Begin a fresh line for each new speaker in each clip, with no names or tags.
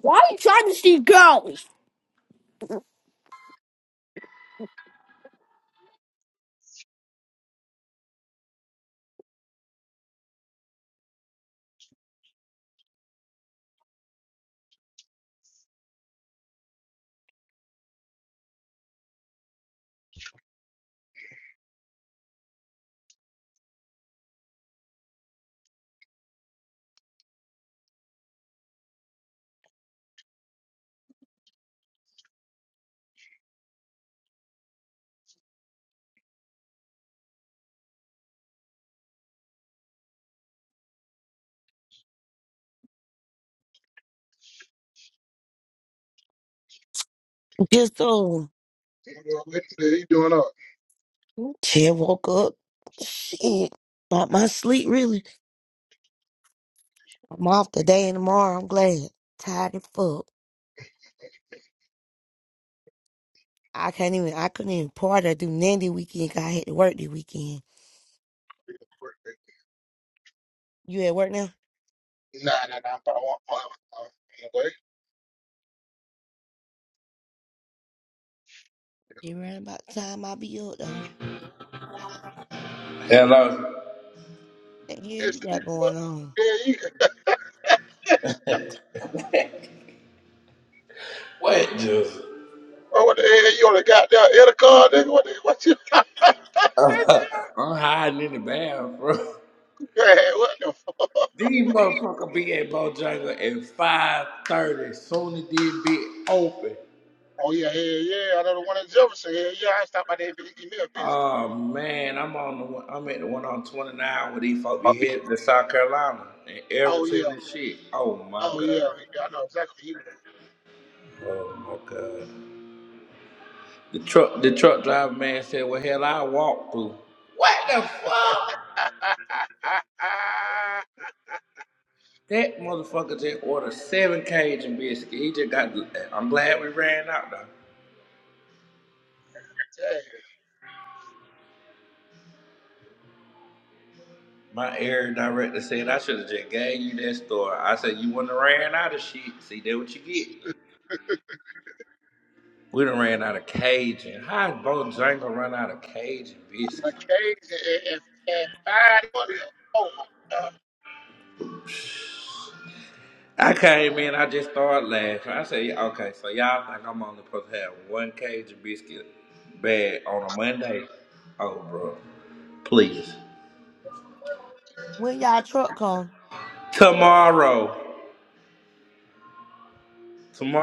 Why are you trying to see girls?
Just um,
You doing all.
shit, woke up. Shit, not my sleep really. I'm off today and tomorrow. I'm glad. Tired as fuck. I can't even. I couldn't even party or do Nandy weekend. 'cause I had to work this weekend.
right?
You at work now?
Nah, nah, nah. But I want one. Anyway,
You around about the time I be up though. What
Hello.
The hell
it's
you got
what?
going on?
Yeah, you. can. Yeah.
What just?
Well, what the hell? You only got that in car, nigga. What? The, what you? That's you.
I'm hiding in the bathroom.
Man, what the fuck?
These motherfucker be at Bojangles at 5:30. Soon as did be open.
Oh yeah, yeah, yeah. I know the one in Jefferson. Yeah, yeah. I stopped by there, bitch. Give me a biscuit.
Oh man, I'm on the one- I'm at the one on 29 where these folks be
Puppy.
headed to South Carolina and
Oh yeah,
everything and shit. Oh my
oh yeah.
god.
nigga, I know exactly who you. Were.
Oh my god. The truck the truck driver man said, Well hell I walk through. What the fuck?
Damn,
That motherfucker just ordered seven Cajun biscuits. He just got. I'm glad we ran out though.
i
My air director said I should have just gave you that store. I said you wouldn't have ran out of shit. See, that what you get. We done ran out of Cajun. How did Bojangle run out of Cajun
a
biscuits?
crazy and and- and fine. What the- Oh my god,
I came in, I just started laughing. I said, "Yeah, okay, so y'all think I'm only supposed to have one Cajun biscuit bag on a Monday? Oh, bro, please.
When y'all truck come,
Tomorrow.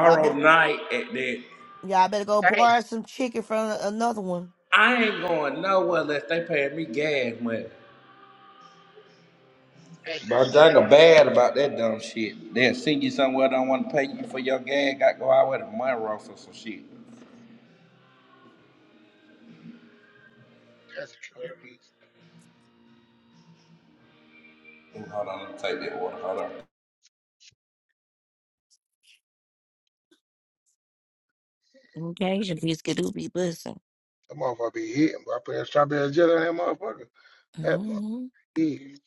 y'all better
night at that,
y'all better go
damn,
borrow some chicken from a- another one.
I ain't going nowhere unless they paying me gas money.
damn.
Bro, Jungle bad about that dumb shit. They'll send you somewhere don't want to pay you for your gas. Got to go out with a money or some shit.
That's crazy.
Ooh, Hold on, let me take that order. Hold on.
Okay, your biscuit do be busting.
That motherfucker be hitting, but I put that strawberry jelly on that motherfucker. That motherfucker
hmm
is.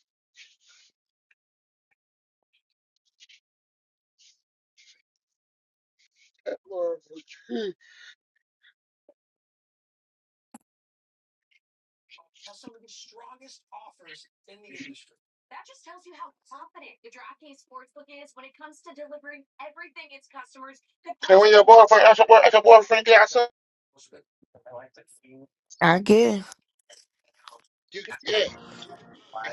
That motherfucker. is. And when your boyfriend, ask your, boy, ask your boyfriend to get outside,
I guess.
you can, yeah,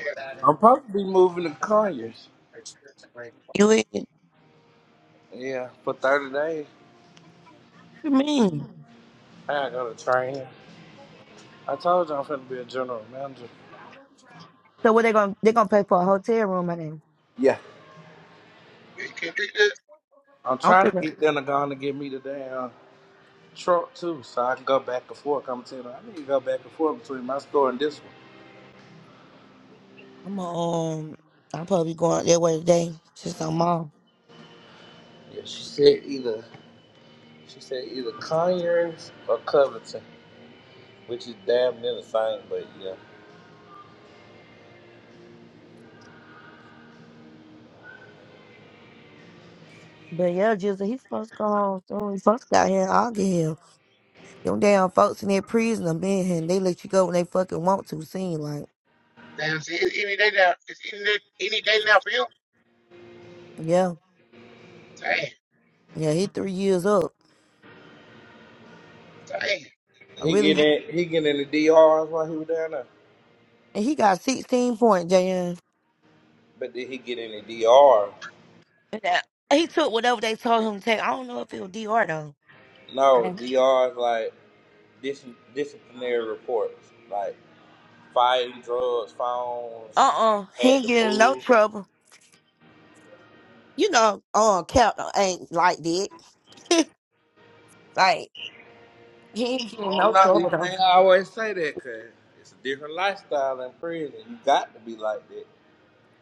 yeah,
I'm supposed to be moving to Conyers.
You in? What
Yeah, for 30 days.
you mean? So what they gonna they gonna pay for a hotel room? I think.
Yeah.
you can't beat this.
I'm
I'm
trying to
finna.
get them to go on to give me the damn truck too, so I can go back and forth. I'm telling her, I need to go back and forth between my store and this one.
I'm a, um. I'm probably going that way today. Since I'm off.
Yeah, she said either. She said either Conyers or Covington, which is damn near the same, but yeah.
But yeah, Jizzle, he supposed to go home soon. He supposed to got here. I'll get him. Them damn folks in that prison have been here and they let you go when they fucking want to. Seem like.
Damn, see, it's any day now. It's any day, any day now for you.
Yeah.
Damn,
Yeah, he three years up.
damn,
I
He get
really
in he get in the DRs while he was down there.
and he got sixteen points, JN.
But did he get in the DRs?
Yeah. He took whatever they told him to take. I don't know if it was D.R. though.
No, DRs like dis- disciplinary reports. Like fighting, drugs, phones,
Uh uh He
had
ain't
to
getting in no
move.
trouble. You know, uh Captain ain't like that. like He ain't getting
Oh
no
no, you
trouble though.
can't always say that because it's a different lifestyle in prison. You got to be like that.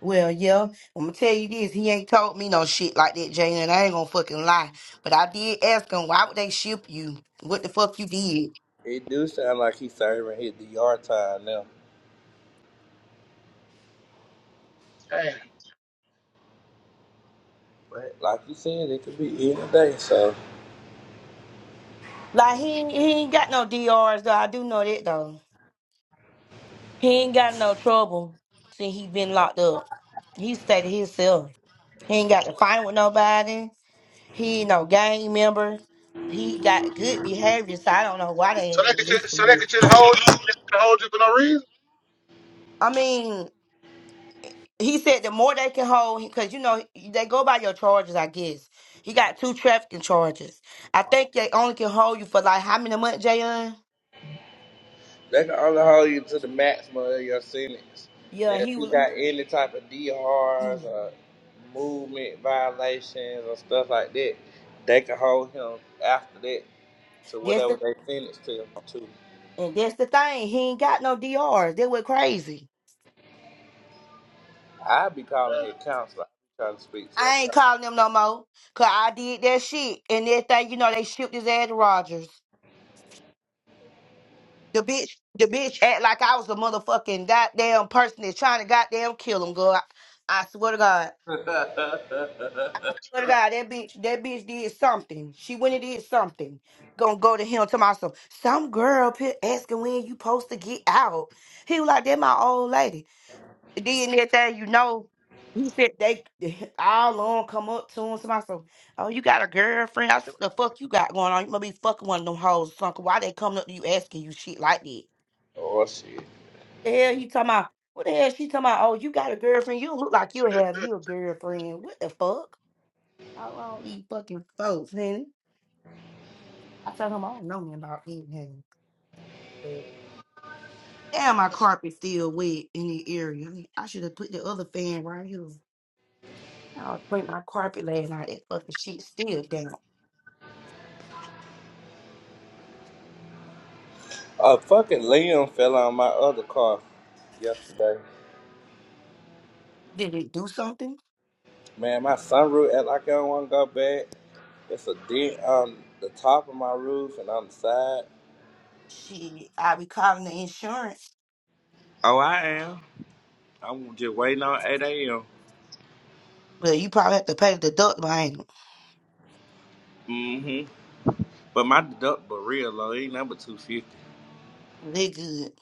Well, yeah, I'm gonna tell you this. He ain't told me no shit like that, Jay, and I ain't gonna fucking lie. But I did ask him why would they ship you? What the fuck you did?
It do sound like he's serving his DR time now.
damn.
But like you said, it could be any day, so
Like he ain't- he ain't got no DRs though. I do know that though. He ain't got no trouble since he been locked up. He stayed to himself. He ain't got to
So
fight with nobody. He ain't no gang member. He got good behavior, so I don't know why they ain't
they could just,
releasing
so they
him.
could just hold you, just hold you for no reason.
I mean. he said the more they can hold because you know they go by your charges i guess he got two trafficking charges i think they only can hold you for like how many months jayon
They can only hold you to the maximum of your sentence. Now,
yeah
if
he
you
was
got any type of DRs or movement violations or stuff like that, they can hold him after that to
that's
whatever
the
they sentence to him to.
and that's the thing he ain't got no drs they went crazy
i be calling his counselor. i be trying to speak to a
i ain't calling them no more because i did that shit and that thing you know they shipped his ass to rogers the bitch the bitch act like i was a motherfucking goddamn person that's trying to goddamn kill him girl i, I swear to god
counselor.
Swear to God, that bitch, that bitch did something. She went and did something. Gonna go to him to myself. Some girl p- asking when you supposed to get out. He was like, that my old lady. Then that thing, you know, he said they all on come up to him to myself. Oh, you got a girlfriend? I said, what the fuck you got going on? You must be fucking one of them hoes, Son, Why they coming up to you asking you shit like that?
oh, shit.
The hell he talking about? What the hell she talking about? Oh, you got a girlfriend? You don't look like you have you a girlfriend. What the fuck? How wrong these fucking folks, honey? I tell him I don't know nothing about anything. But damn, my carpet still wet in the area. I, need- I should have put the other fan right here. I was putting my carpet last night. That fucking shit still damn.
A fucking limb fell on my other car yesterday.
Did it do something?
Man, my sunroof act like I don't want to go back. It's a dent on the top of my roof and on the side.
Shit, I be calling the insurance,
Oh, I am. I'm just waiting on 8 a.m.
but you probably have to pay the deductible. I ain't
Mm-hmm. But my deductible real low. Ain't number 250.
they good.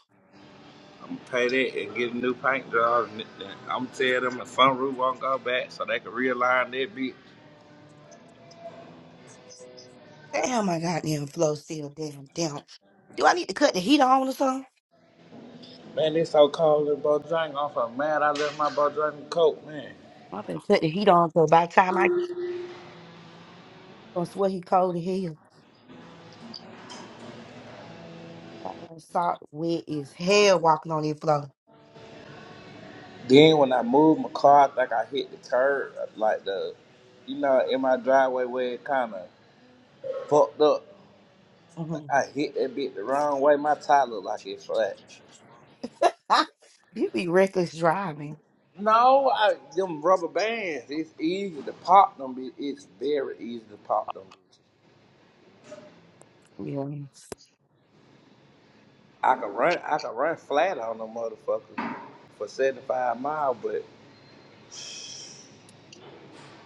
I'm gonna pay that and get a new paint job. And I'm tell them the sunroof won't go back so they can realign that bit.
Damn, my goddamn flow still damn down. Do I need to cut the heat on or something?
Man, it's so cold in Bojang. I'm so mad I left my Bojang coat, man.
I'm gonna cut the heat on, so by the time I get gonna sweat, he cold as hell. Goddamn salt wet as hell walking on this floor.
Then when I moved my car, I think I hit the curb, like the, you know, in my driveway where it kind of fucked up. I hit that bit the wrong way. My tire looked like it's flat.
you be reckless driving.
No, I, them rubber bands. It's easy to pop them. bi- It's very easy to pop them. bitches.
Yeah.
I can run. I can run flat on them motherfuckers for seventy five miles. But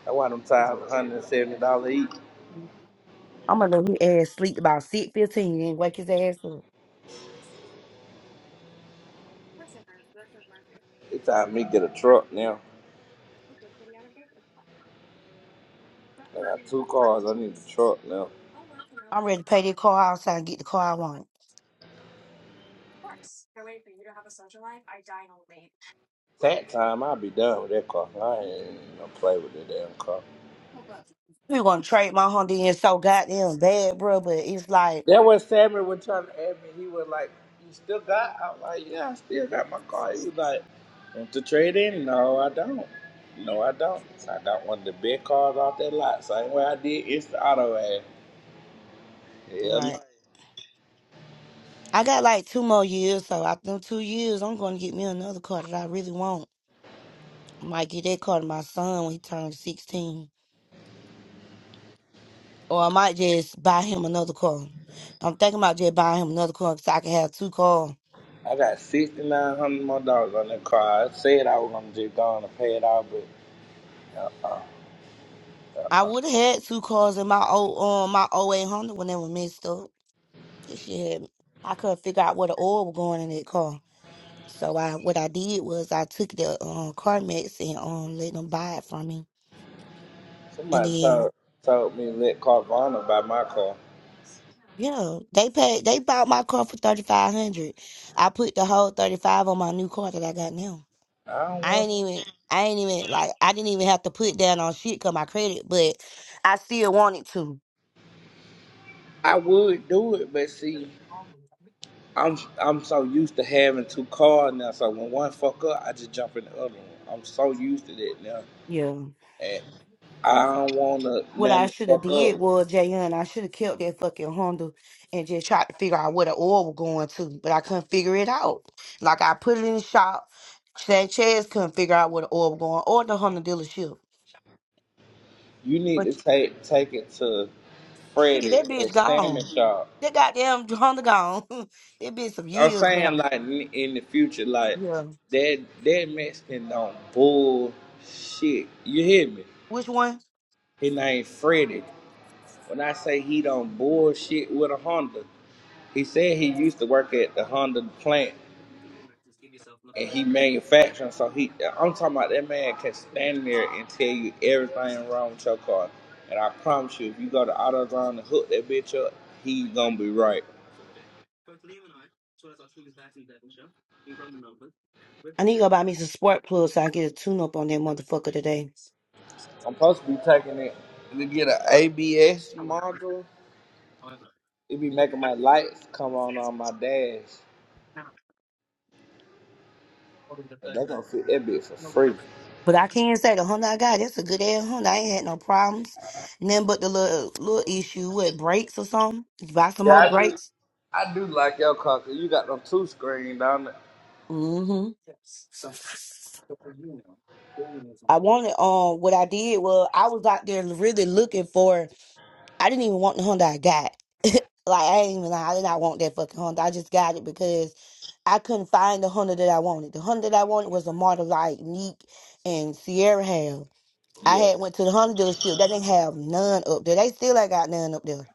I want them tires one hundred and seventy dollars each.
I'm gonna know who ass sleep about six fifteen and wake his ass up.
It's time me get a truck now. I got two cars. I need a truck now.
I'm ready to pay this car outside and get the car I want.
That time I'll be done with that car. I ain't gonna play with that damn car.
We gonna trade my Honda in so goddamn bad, bro. But it's like,
That was Sammy was trying to ask me. He was like, "You still got?" I was like, "Yeah, I still got my car." He was like. Want to trade in? No, I don't. No, I don't. I got one of the big cars off that lot. Same way I did Instant Auto ad. Hell
right.
no.
I got like two more years, so after them two years, I'm gonna get me another car that I really want. I might get that car to my son when he turns 16, or I might just buy him another car. I'm thinking about just buying him another car so I can have two cars.
I got sixty nine hundred more dollars on that car. I said I was gonna just go on and pay it off, but
I would have had two cars in my old um my oh 08 Honda when they were messed up. This shit had I couldn't figure out where the oil was going in that car. So I what I did was I took the um car max and um let them buy it from me. And
somebody told
then
told me let Carvana buy my car.
yeah, they paid they bought my car for thirty five hundred. I put the whole thirty five on my new car that I got now.
I don't
I
want.
ain't even I ain't even like I didn't even have to put down on shit 'cause my credit, but I still wanted to.
I would do it, but see, I'm I'm so used to having two cars now. So when one fuck up, I just jump in the other one. I'm so used to that now,
Yeah.
and I don't want to
What
let
I
it
should have
fuck up.
did was, Jayon, I should have kept that fucking Honda and just tried to figure out where the oil was going to, but I couldn't figure it out. Like I put it in the shop, Sanchez couldn't figure out where the oil was going or the Honda dealership.
You need
But
to take take it to
shit,
Freddie
that
at
bitch
Salmon
gone.
Shop.
That goddamn Honda gone. that bitch some
I'm
years
saying
now.
like in in the future, like
Yeah.
that that Mexican don't bullshit. You hear me?
Which one?
His name Freddie. When I say he don't bullshit with a Honda, he said he used to work at the Honda plant and he manufacturing. So he, I'm talking about that man can stand there and tell you everything wrong with your car. And I promise you, if you go to AutoZone and hook that bitch up, he's gonna be right.
I need to go buy me some spark plugs so I can get a tune up on that motherfucker today.
I'm supposed to be taking it to get an ABS module. It be making my lights come on on my dash. But they gonna fit that bit for free.
But I can say the Honda I got, it's a good ass Honda I ain't had no problems. Nothing but the little little issue with brakes or something. You buy some
Yeah,
more
I do.
brakes.
I do like your cause you got them two screen down there.
hmm I wanted um what I did was I was out there really looking for I didn't even want the Honda I got. like I ain't even lie, I did not want that fucking Honda. I just got it because I couldn't find the Honda that I wanted. The Honda that I wanted was a model like Neek and Sierra have. I
Yeah.
had went to the Honda dealership. They didn't have none up there. They still ain't got none up there.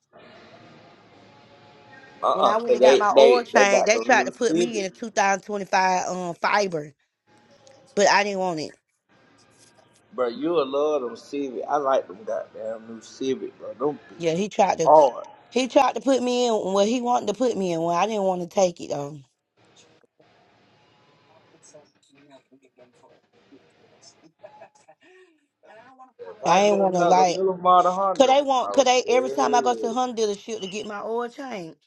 Uh
When
uh
I
Cause
went and got
they
my
they
oil
they
change,
got
they
them
tried
new
to put me in
Civic,
a 2025 um fiber, but I didn't want it.
bro. You'll love them Civic. I like them goddamn new Civic, bro. Them
Yeah,
bitches
he tried to
hard.
he tried to put me in well he wanted to put me in well I didn't want to take it though.
If I
I ain't
get
want to
another
like
new model
could
Honda,
they want
oh
could they every time I
hell
go to the
yeah.
Honda dealership to get my oil change,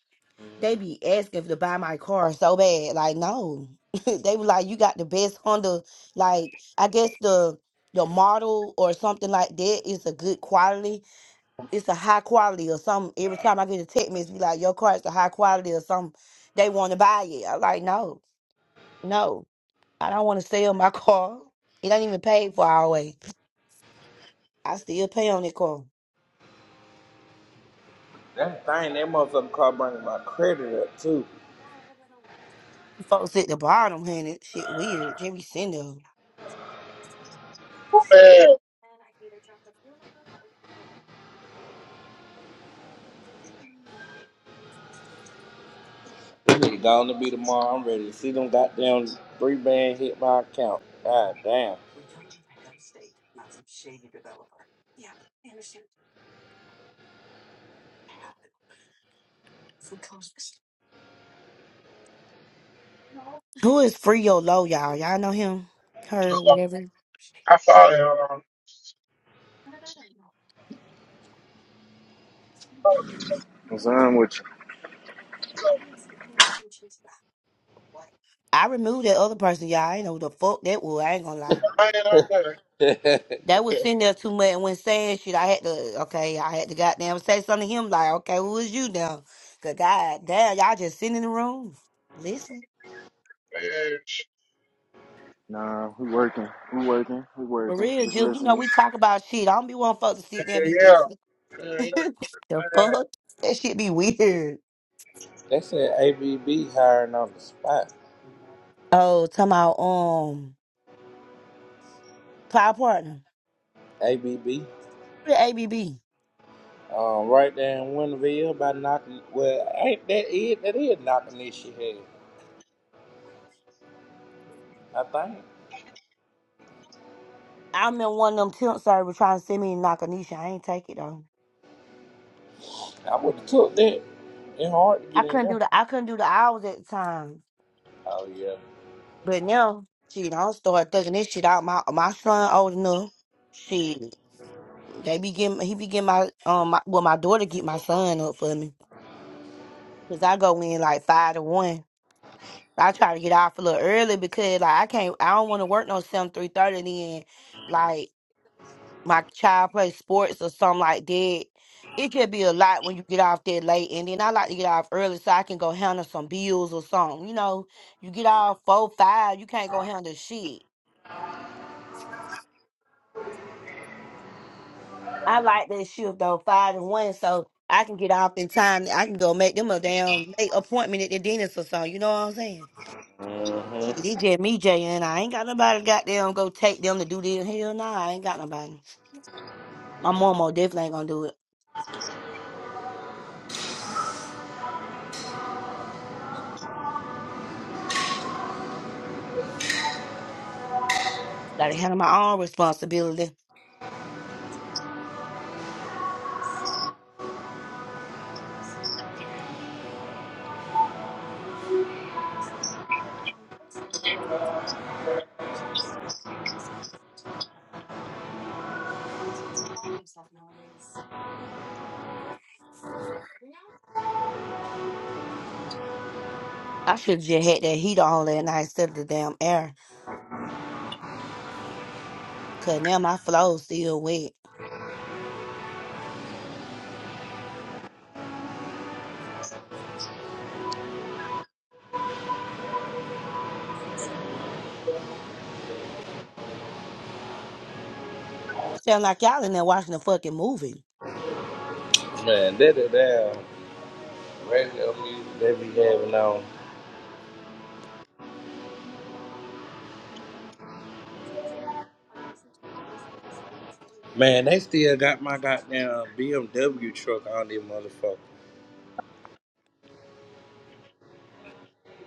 they be asking to buy my car so bad. Like no. they were like, You got the best Honda like I guess the the model or something like that is a good quality it's a high quality or something. Every time I get a text message, be like, your car is a high quality or something. They want to buy it. I'm like, no, no, I don't want to sell my car. It ain't even paid for our way. I still pay on that car.
That thing, that motherfucking car bringing my credit up too.
You Folks at the bottom, honey, shit weird. Jimmy Sindo.
Yeah. Man,
This nigga going to be tomorrow. I'm ready to see them goddamn three band hit my account. God damn.
Who is Frio Low, y'all? Y'all know him? Her, whatever.
I follow him.
What's on with you?
So
I removed that other person, y'all. I ain't know who the fuck that was. I ain't gonna lie.
I ain't on there.
they
They was sitting there too much and when saying shit, I had to okay, I had to goddamn say something to him like, okay, who is you now? Cause goddamn, y'all just sitting in the room listening.
Yeah, yeah,
Nah, we working. We working. We
For
working.
real,
Just
Jill, you know
listening.
we talk about shit. I don't be one folks to sit there and be
yeah.
listening.
yeah.
the fuck? That shit be weird.
said ABB hiring on the spot.
Oh, talking about um cloud partner.
ABB.
The ABB.
Um, right there in Winterville by knocking. Well, ain't that it? That is knocking this shit head. I think.
I remember one of them temp servers trying to send me to Nakanisha. I ain't take it though.
I would have took that. It's hard to
I
get in
couldn't
there.
do the I couldn't do the hours at the time.
Oh, yeah.
But now, shit, I start thugging this shit out. My my son old enough. Shit, they be getting he be getting my um my, well my daughter get my son up for me because I go in like five to one. I try to get off a little early because like I can't I don't want to work no seven three thirty. Then like my child plays sports or something like that. It could be a lot when you get off that late, and then I like to get off early so I can go handle some bills or something. You know, you get off four five, you can't go handle shit. I like that shift though, five and one, so I can get off in time. I can go make them a damn late appointment at the dentist or something. You know what I'm saying? Shit, it's just me, Jay, and I ain't got nobody goddamn go take them to do this. Hell nah, I ain't got nobody. My mama definitely ain't gonna do it. Gotta handle my own responsibility. I should have just had that heater on that night instead of the damn air. Cause now my flow's still wet. Sound like y'all in there watching a fucking movie.
Man, That that damn radio music they be having on. Man, they still got my goddamn BMW truck on this motherfucker.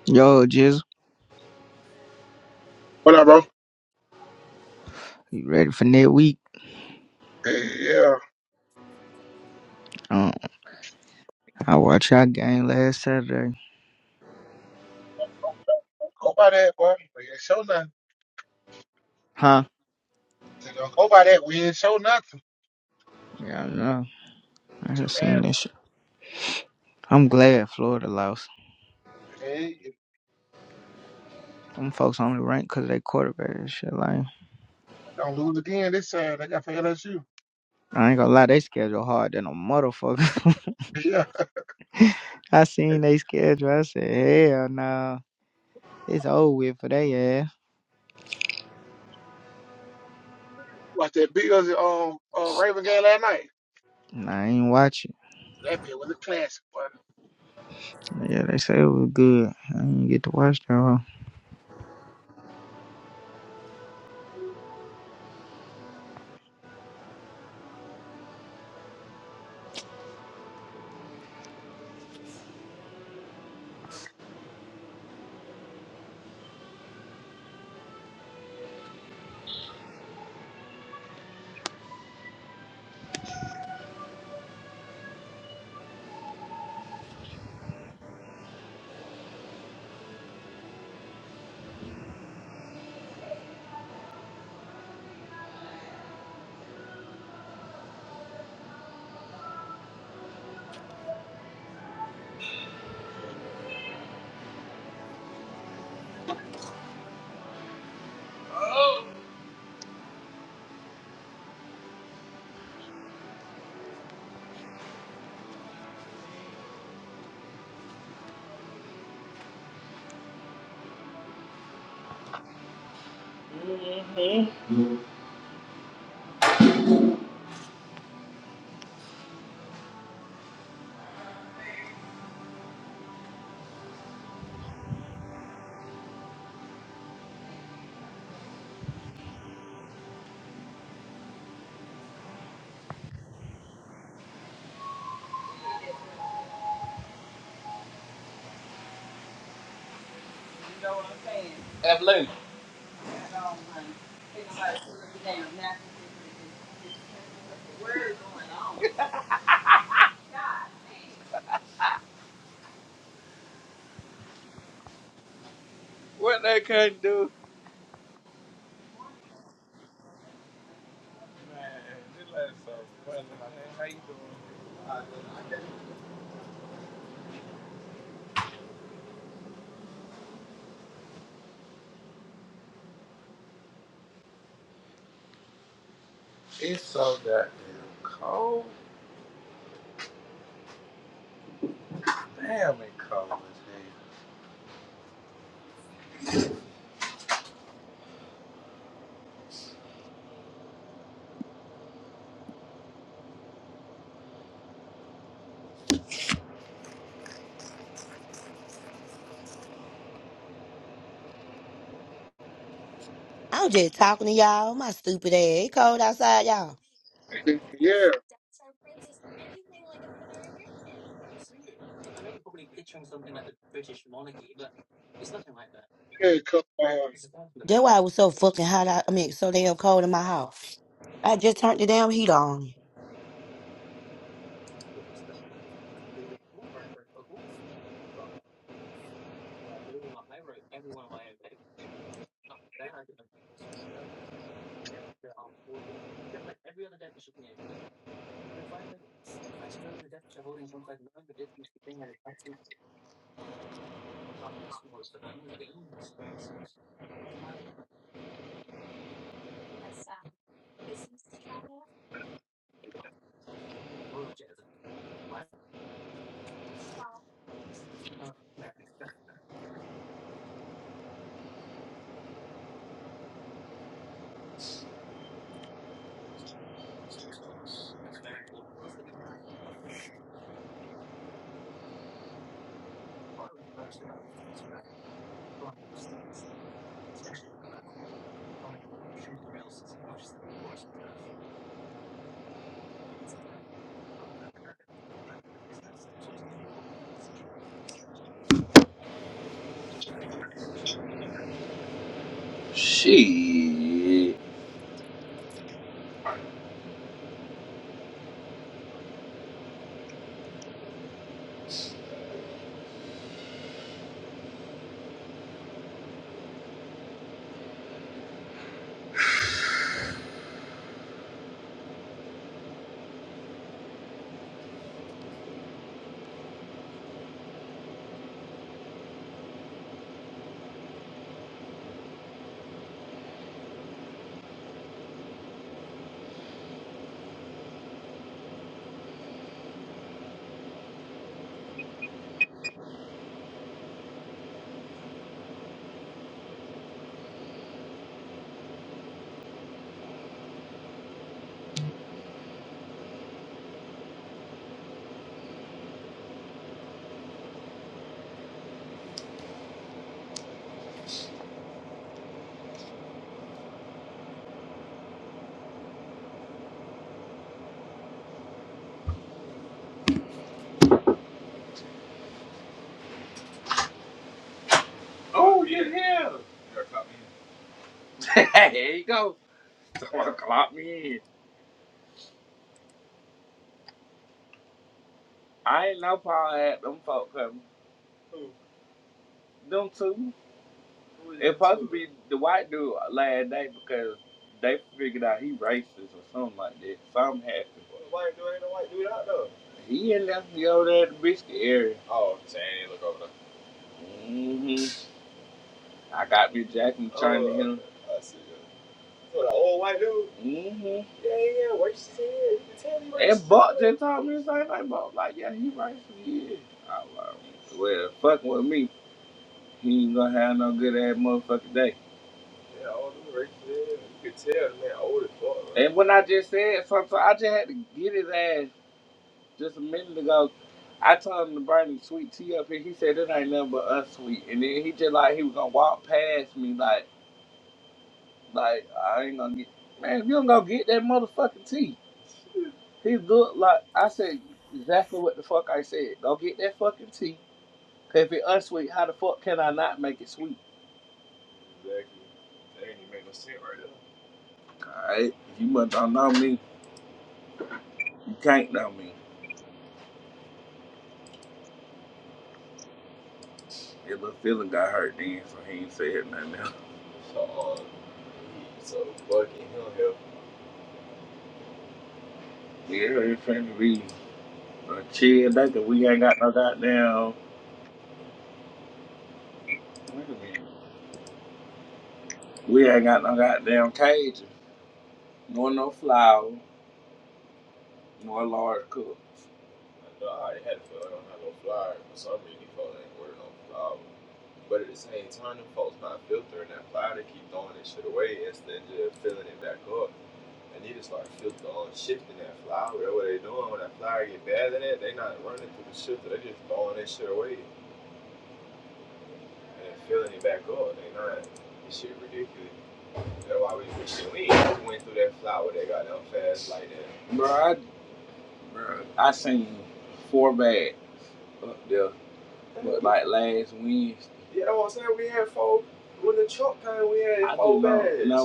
Yo, Jizzle,
What up, bro?
you ready for next week?
Yeah, yeah.
Um, I watched y'all game last Saturday.
Go by that, boy. We ain't show nothing.
Huh?
So don't go by that. We ain't show nothing.
Yeah, I know. I heard
Too bad.
seen this shit. I'm glad Florida lost.
Hey, if
Them folks only ranked 'cause they quarterback and shit. Like,
I don't lose again this time. They got for LSU.
I ain't gonna lie, they schedule hard than a motherfucker.
Yeah.
I seen they schedule. I said, hell no. It's over with for they ass.
Watch that Bills um uh, Raven game last night.
And I ain't watch it.
That bit was a classic, boy.
Yeah, they say it was good. I didn't get to watch that. one.
You know what I'm saying? Absolutely. What they couldn't do. Man, this lady's so funny, man. How you doing? It's so goddamn cold. Damn, it cold as
I'm just talking to y'all. My stupid ass. It cold outside, y'all.
Yeah. Yeah, come on.
That's why it was so fucking hot. Out, I mean, so damn cold in my house. I just turned the damn heat on.
hell. Shit. Oh, you here. there you go. Someone clock me in. I ain't no problem at them folk coming. Them two. It supposed to be the white dude last night because they figured out he racist or something like that. Something happened. He had left me over there at the biscuit area. hmm I got me Jack and him. hmm Buck just told me the same thing. Buck like, yeah, he racist. Yeah. I was like, well, fucking with me. He ain't gonna have no good ass motherfucking day. And when I just said something, so I just had to get his ass just a minute ago, I told him to bring him sweet tea up here. He said it ain't nothing but unsweet, And then he just like he was gonna walk past me like like I ain't gonna get man, if you don't go get that motherfucking tea. He looked like I said exactly what the fuck I said. Go get that fucking tea. 'Cause if it unsweet, how the fuck can I not make it sweet? Alright. You must don't know me. You can't know me. His little feeling got hurt then, so he ain't said nothing else. Yeah, it's finna be a chill day 'cause we ain't got no goddamn wait a minute. We ain't got no goddamn cajun, nor no flour, nor large cook. Bro, I, bro, I seen four bags up there like last Wednesday.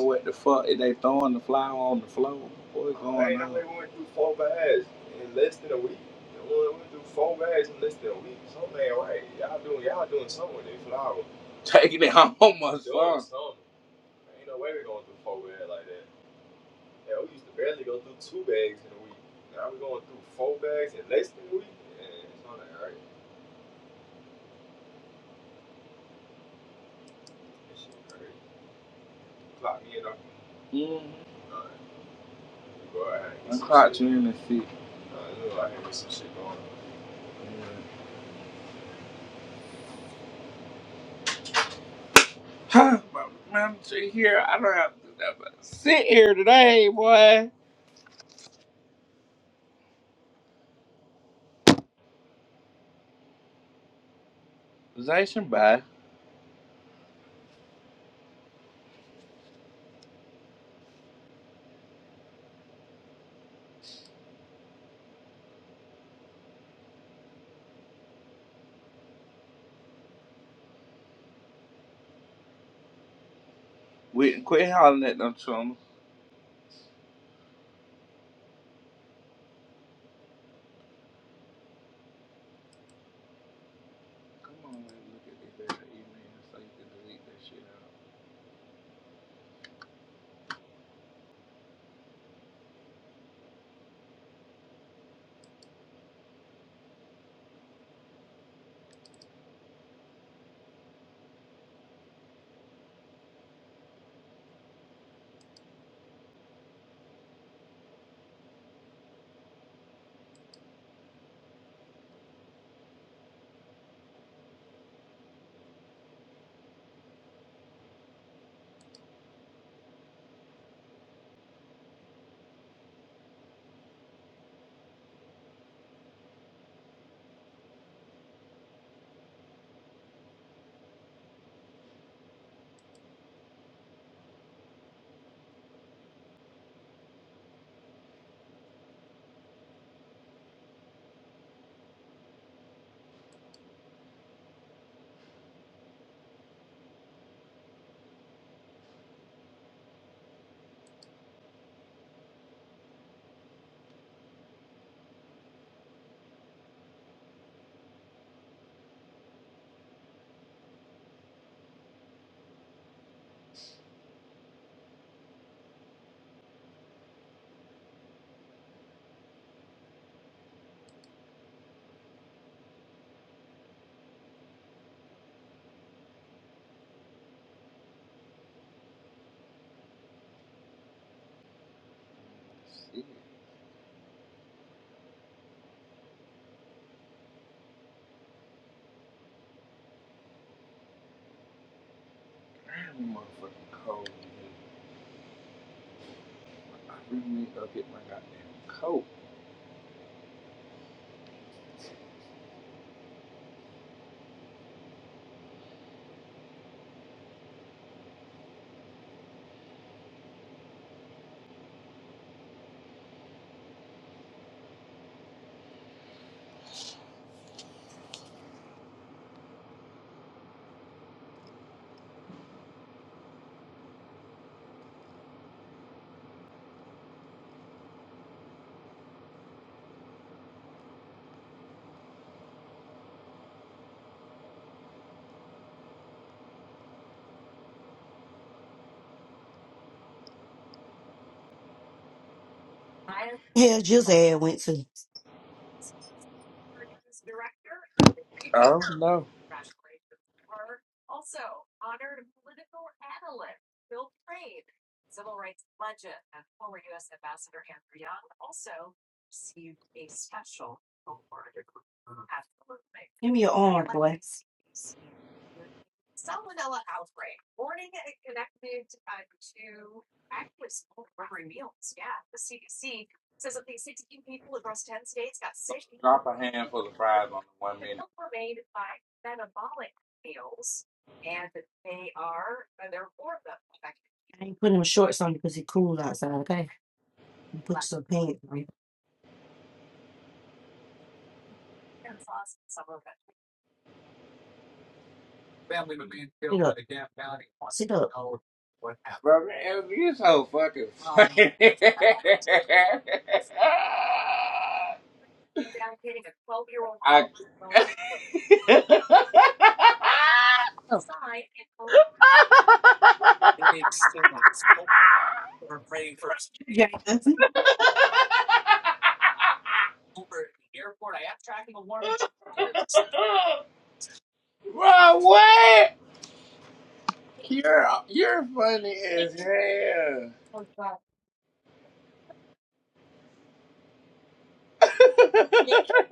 What the fuck? Is they throwing the flour on the floor? Boy, taking it home. Mm-hmm. And that's Huh, man, sit here, I don't have to do that, but sit here today, boy. Zation bye. We can quit hollering at them chums. Come on, man, look at this email so you can delete that shit out. Shit. I am motherfucking cold. I really need to go get my goddamn coat.
Yeah, just ass went to.
Oh no.
Give me your arm, boy.
Drop a handful of fries on the one minute.
I ain't putting him shorts on because it's cool outside, okay? Put some pants on. Sit up. Sit up.
Bro, man, you so fucking funny. I, bro, what? You're you're funny as hell.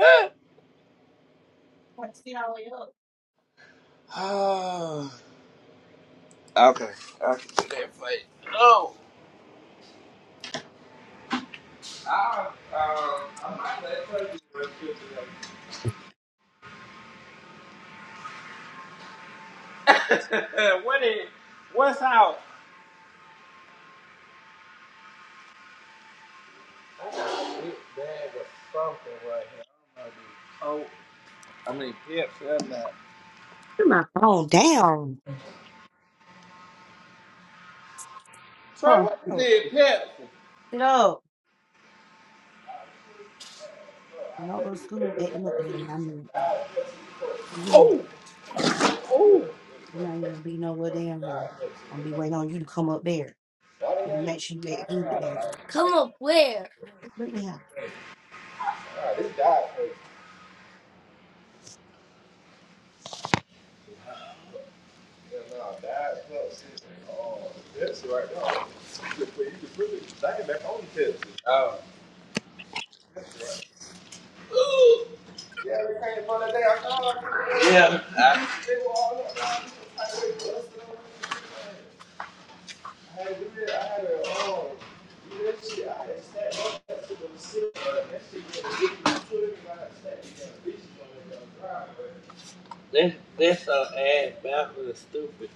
Oh, okay, I can do that for No. I, um, I might let her do it. what is what's out? I mean, yeah.
Oh, damn.
Troy,
Huh.
what is
Sit up.
it? Pepsi.
Sit up. You know, go to school acting up today, and i mean, you- I'm not even gonna be nowhere down here. I'm gonna be waiting on you to come up there and make sure you act good today. Bring it out.
I, this this so ass baffled and stupid.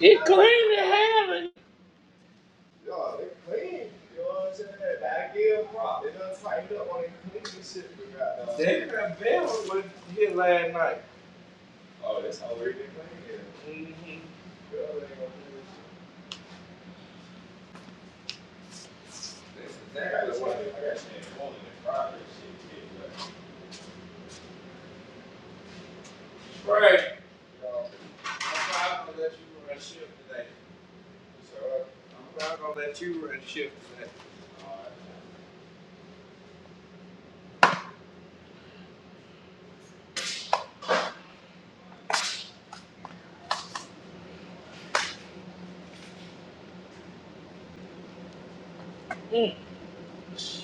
It have it. I'm not gonna let you run shit today.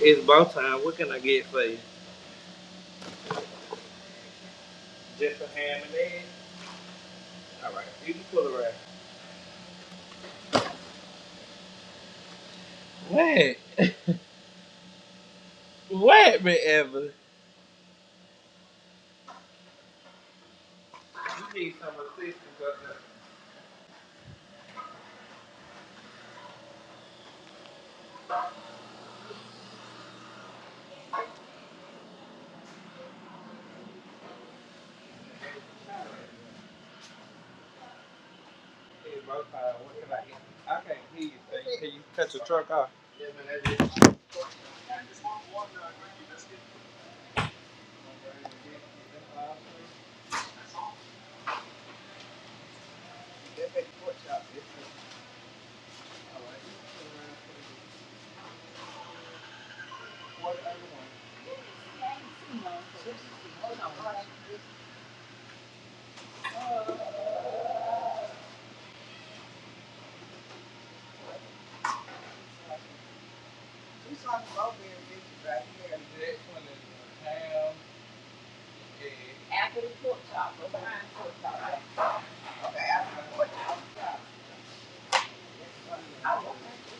It's about time. What can I get for you? What? What, me ever? You know, After the the pork chop, go behind the pork chop, I want to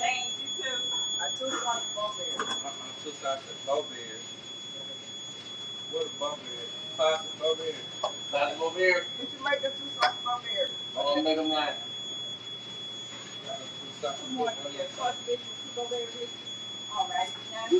thank you too. Good morning, to now,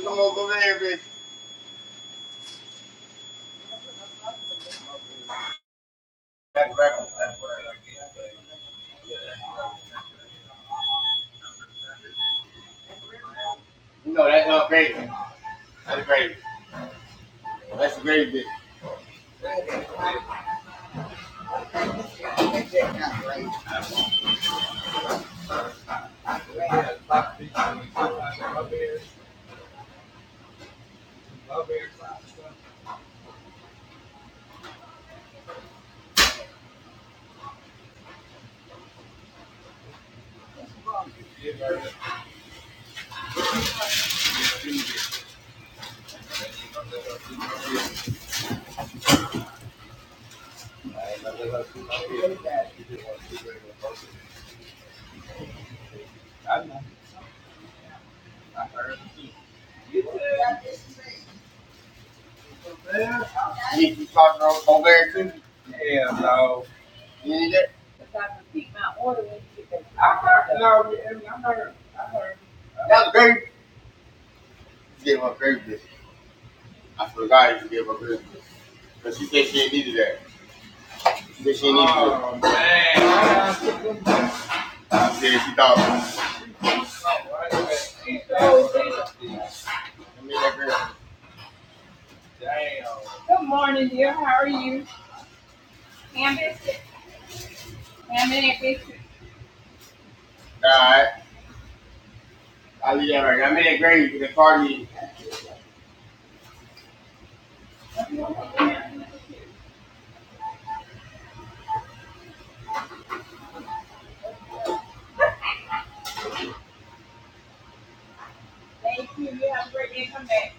because I repeat my order Miss Evelyn? That was very she gave her very busy. I swear to God, she gave her very busy. But she said she ain't needed that. She said she ain't needed it. I said she thought. Oh, Jesus. that Good morning, dear. How are you? Ham biscuit. Ham and biscuit. Alright. I I'll leave that right. I made that gravy because they called me. Thank you. You have a great day. Come back.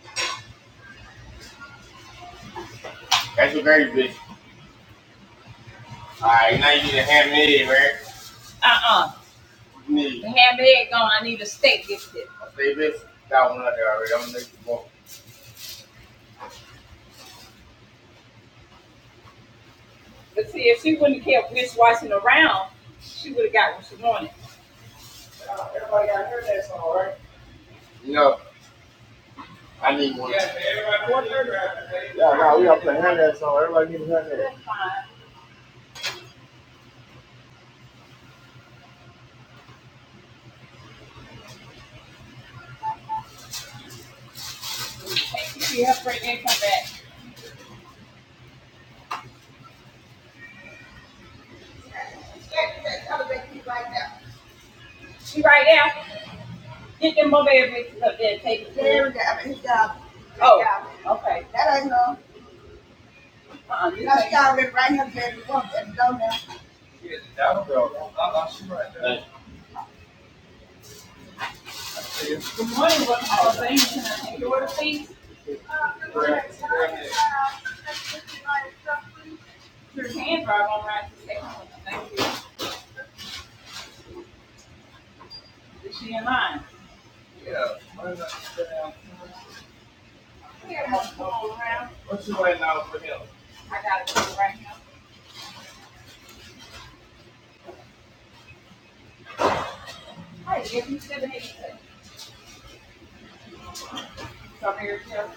That's your gravy, bitch. Alright, now you need a ham and egg, right? Uh-uh. You need. The ham and egg gone. I need a steak biscuit. I say, bitch, got one out there already. I'm gonna make you more. But see, if she wouldn't have kept wish around, she would have got what she wanted. You know, I need Yeah. that. She helped bring in, come back. She right now, get them mother bitches up there and take There it. Yeah, we go. I mean, his job. Oh, Yeah. okay. That ain't no. Uh, you know, take she already right here, baby. Walk that door now. Good morning, what all things You I endure, please? Your hand drive on right to the second. one. Thank you. Is she in line? Here, I'm around. I got it go right now. Hey, give you should have said, so here, Sheriff,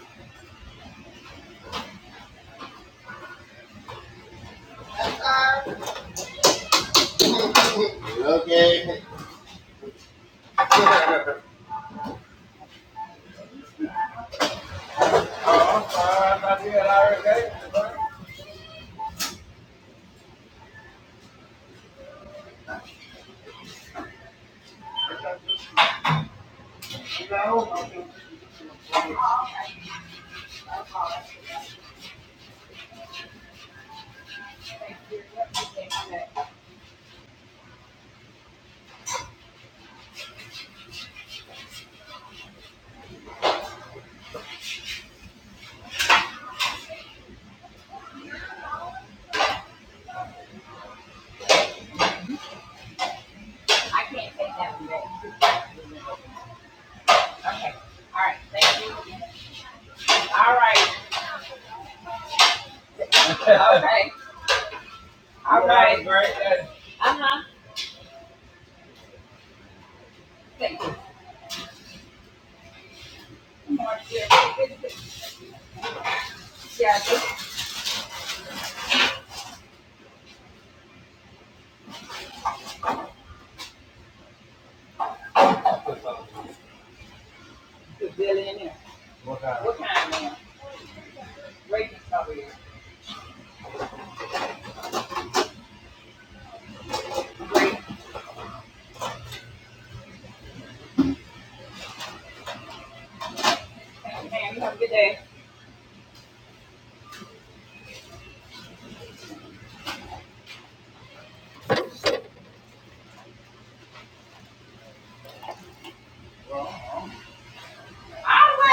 thank you. Thank you. I can't take that from back. Okay. All right. Thank you. All right. Okay. All right. Uh huh. Thank you. Good morning, Sheriff. Yeah, this is Billy in here. What kind, ma'am? Racist over here. Thank you, ma'am. You have a good day. All right.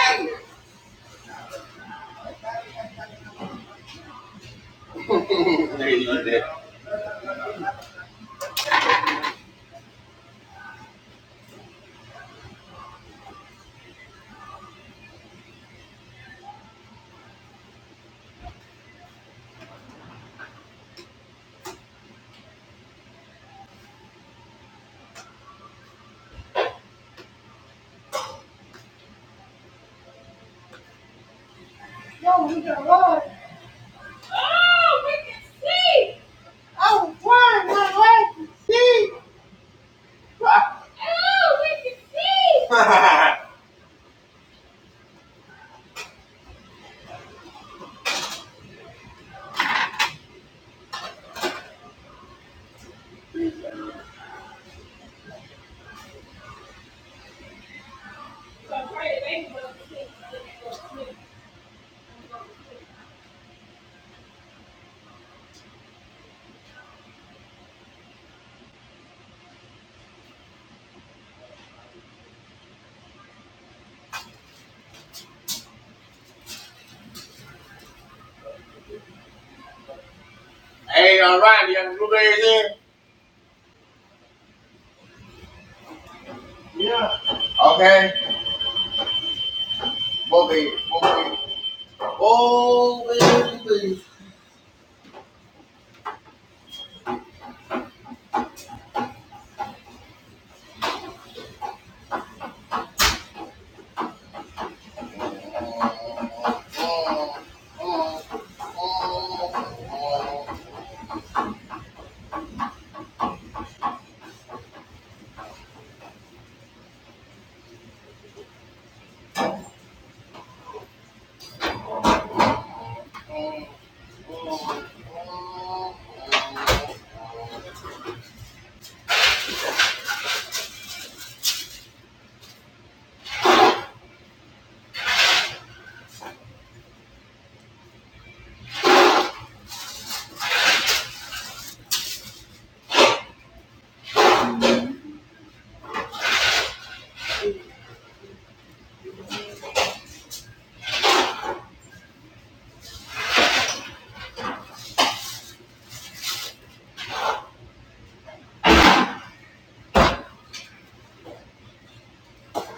No, we got one. Oh, we can see. Oh, one, one, one, see. Okay, moving, moving.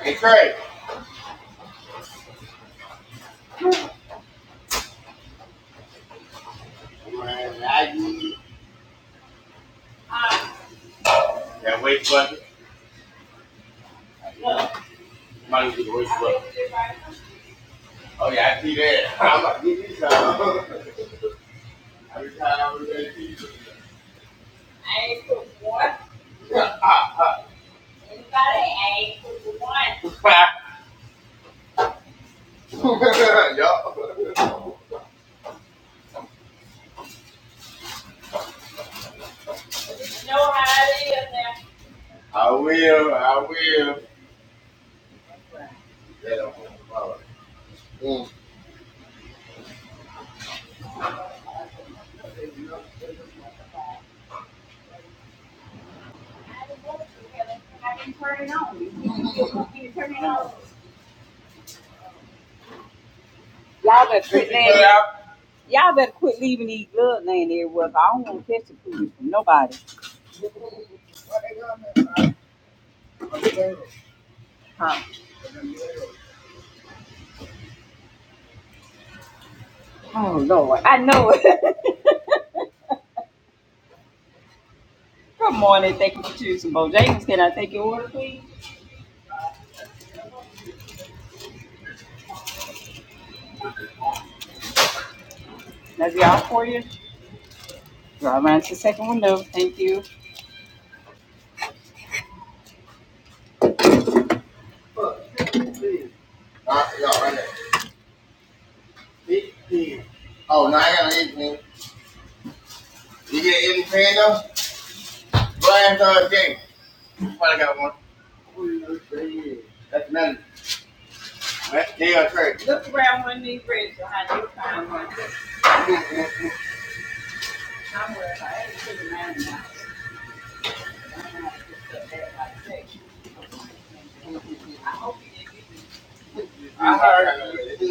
Hey, Craig. Man, I need that waste bucket. Somebody get the waste bucket. Oh yeah, I see that. I'm like, give me some. Every time I was ready to eat. I ain't cooked one. Anybody? I ain't cooked one. You know how it is now. I didn't want to, because I didn't turn it on. You didn't turn it on. Y'all been sitting there. Y'all better quit leaving these bloodline everywhere. 'cause I don't want to catch the food from nobody. Huh? Oh Lord, I know it. Good morning. Thank you for choosing Bojangles. Can I take your order, please? That's y'all for you. Drive around to the second window. Thank you. Uh, y'all right there. Big pen. Oh, no, I ain't got an You get an eight pen though? Go after a game. You probably got one. That's another. That's They are crazy. Look around one of these reds behind you. Find one. I'm worried about everything. I heard, I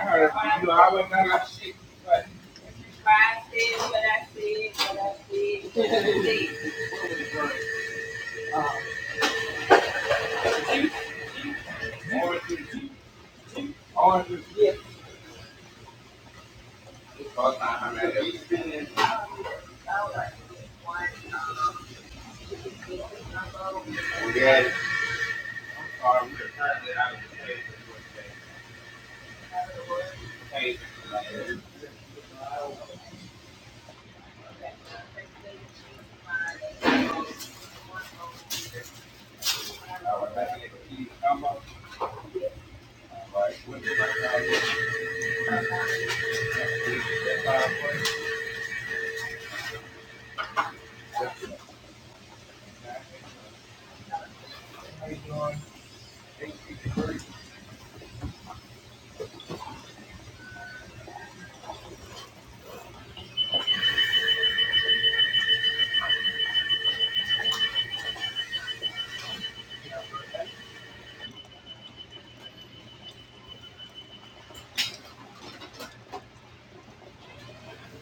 heard, you always got I said what I said, what I said, I said. Yeah.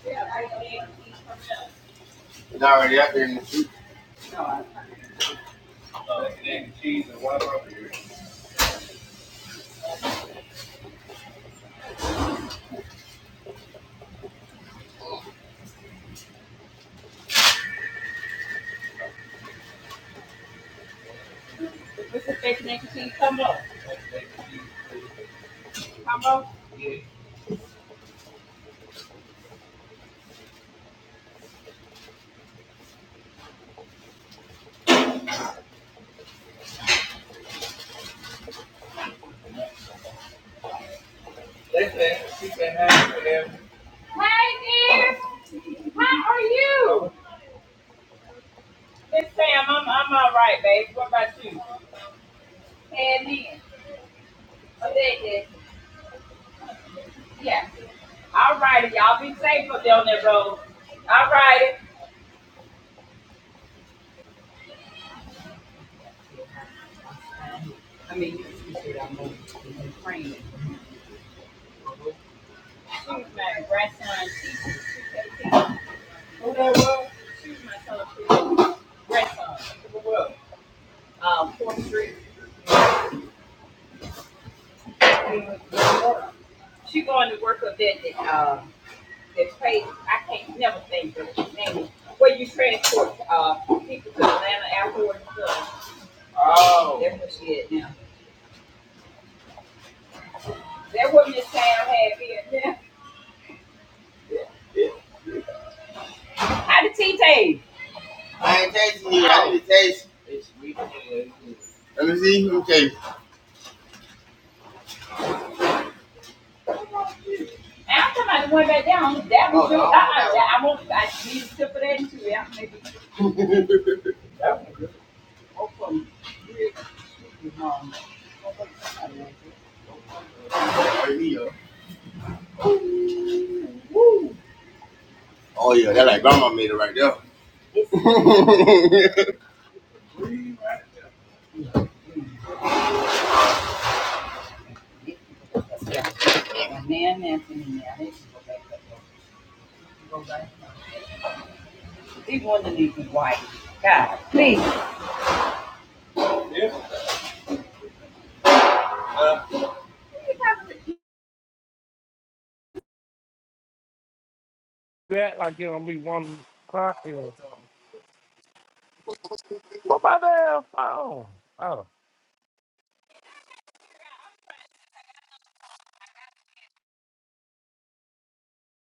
Yeah, It's already up there in the street. Mr. Fitch, next to come up, come up. Hey, dear, how are you? It's Sam, I'm, I'm all right, babe. What about you? And then, oh, there it is. Yeah. All righty, y'all be safe up there on that road. All righty. She was my grandson teacher, pre-K teacher. She was my son, pre grandson, um, Fourth Street. She going to work up that, that, uh, that pay, I can't never think of his name, where you transport, uh, people to Atlanta Airport and stuff. Oh. That's what she is now. That woman that town had here, how did T taste? I ain't tasting it. I need to taste. Let me see. Let me taste. I'm talking about the one back there on that was your. Uh, I, I won't. I need to put that into it. I'm maybe. Oh, from um. Oh yeah, Oh yeah. that like grandma made it right there. It's it's, yeah. And man, Anthony, now they should go back up. Go back. These ones need to be white. God, please.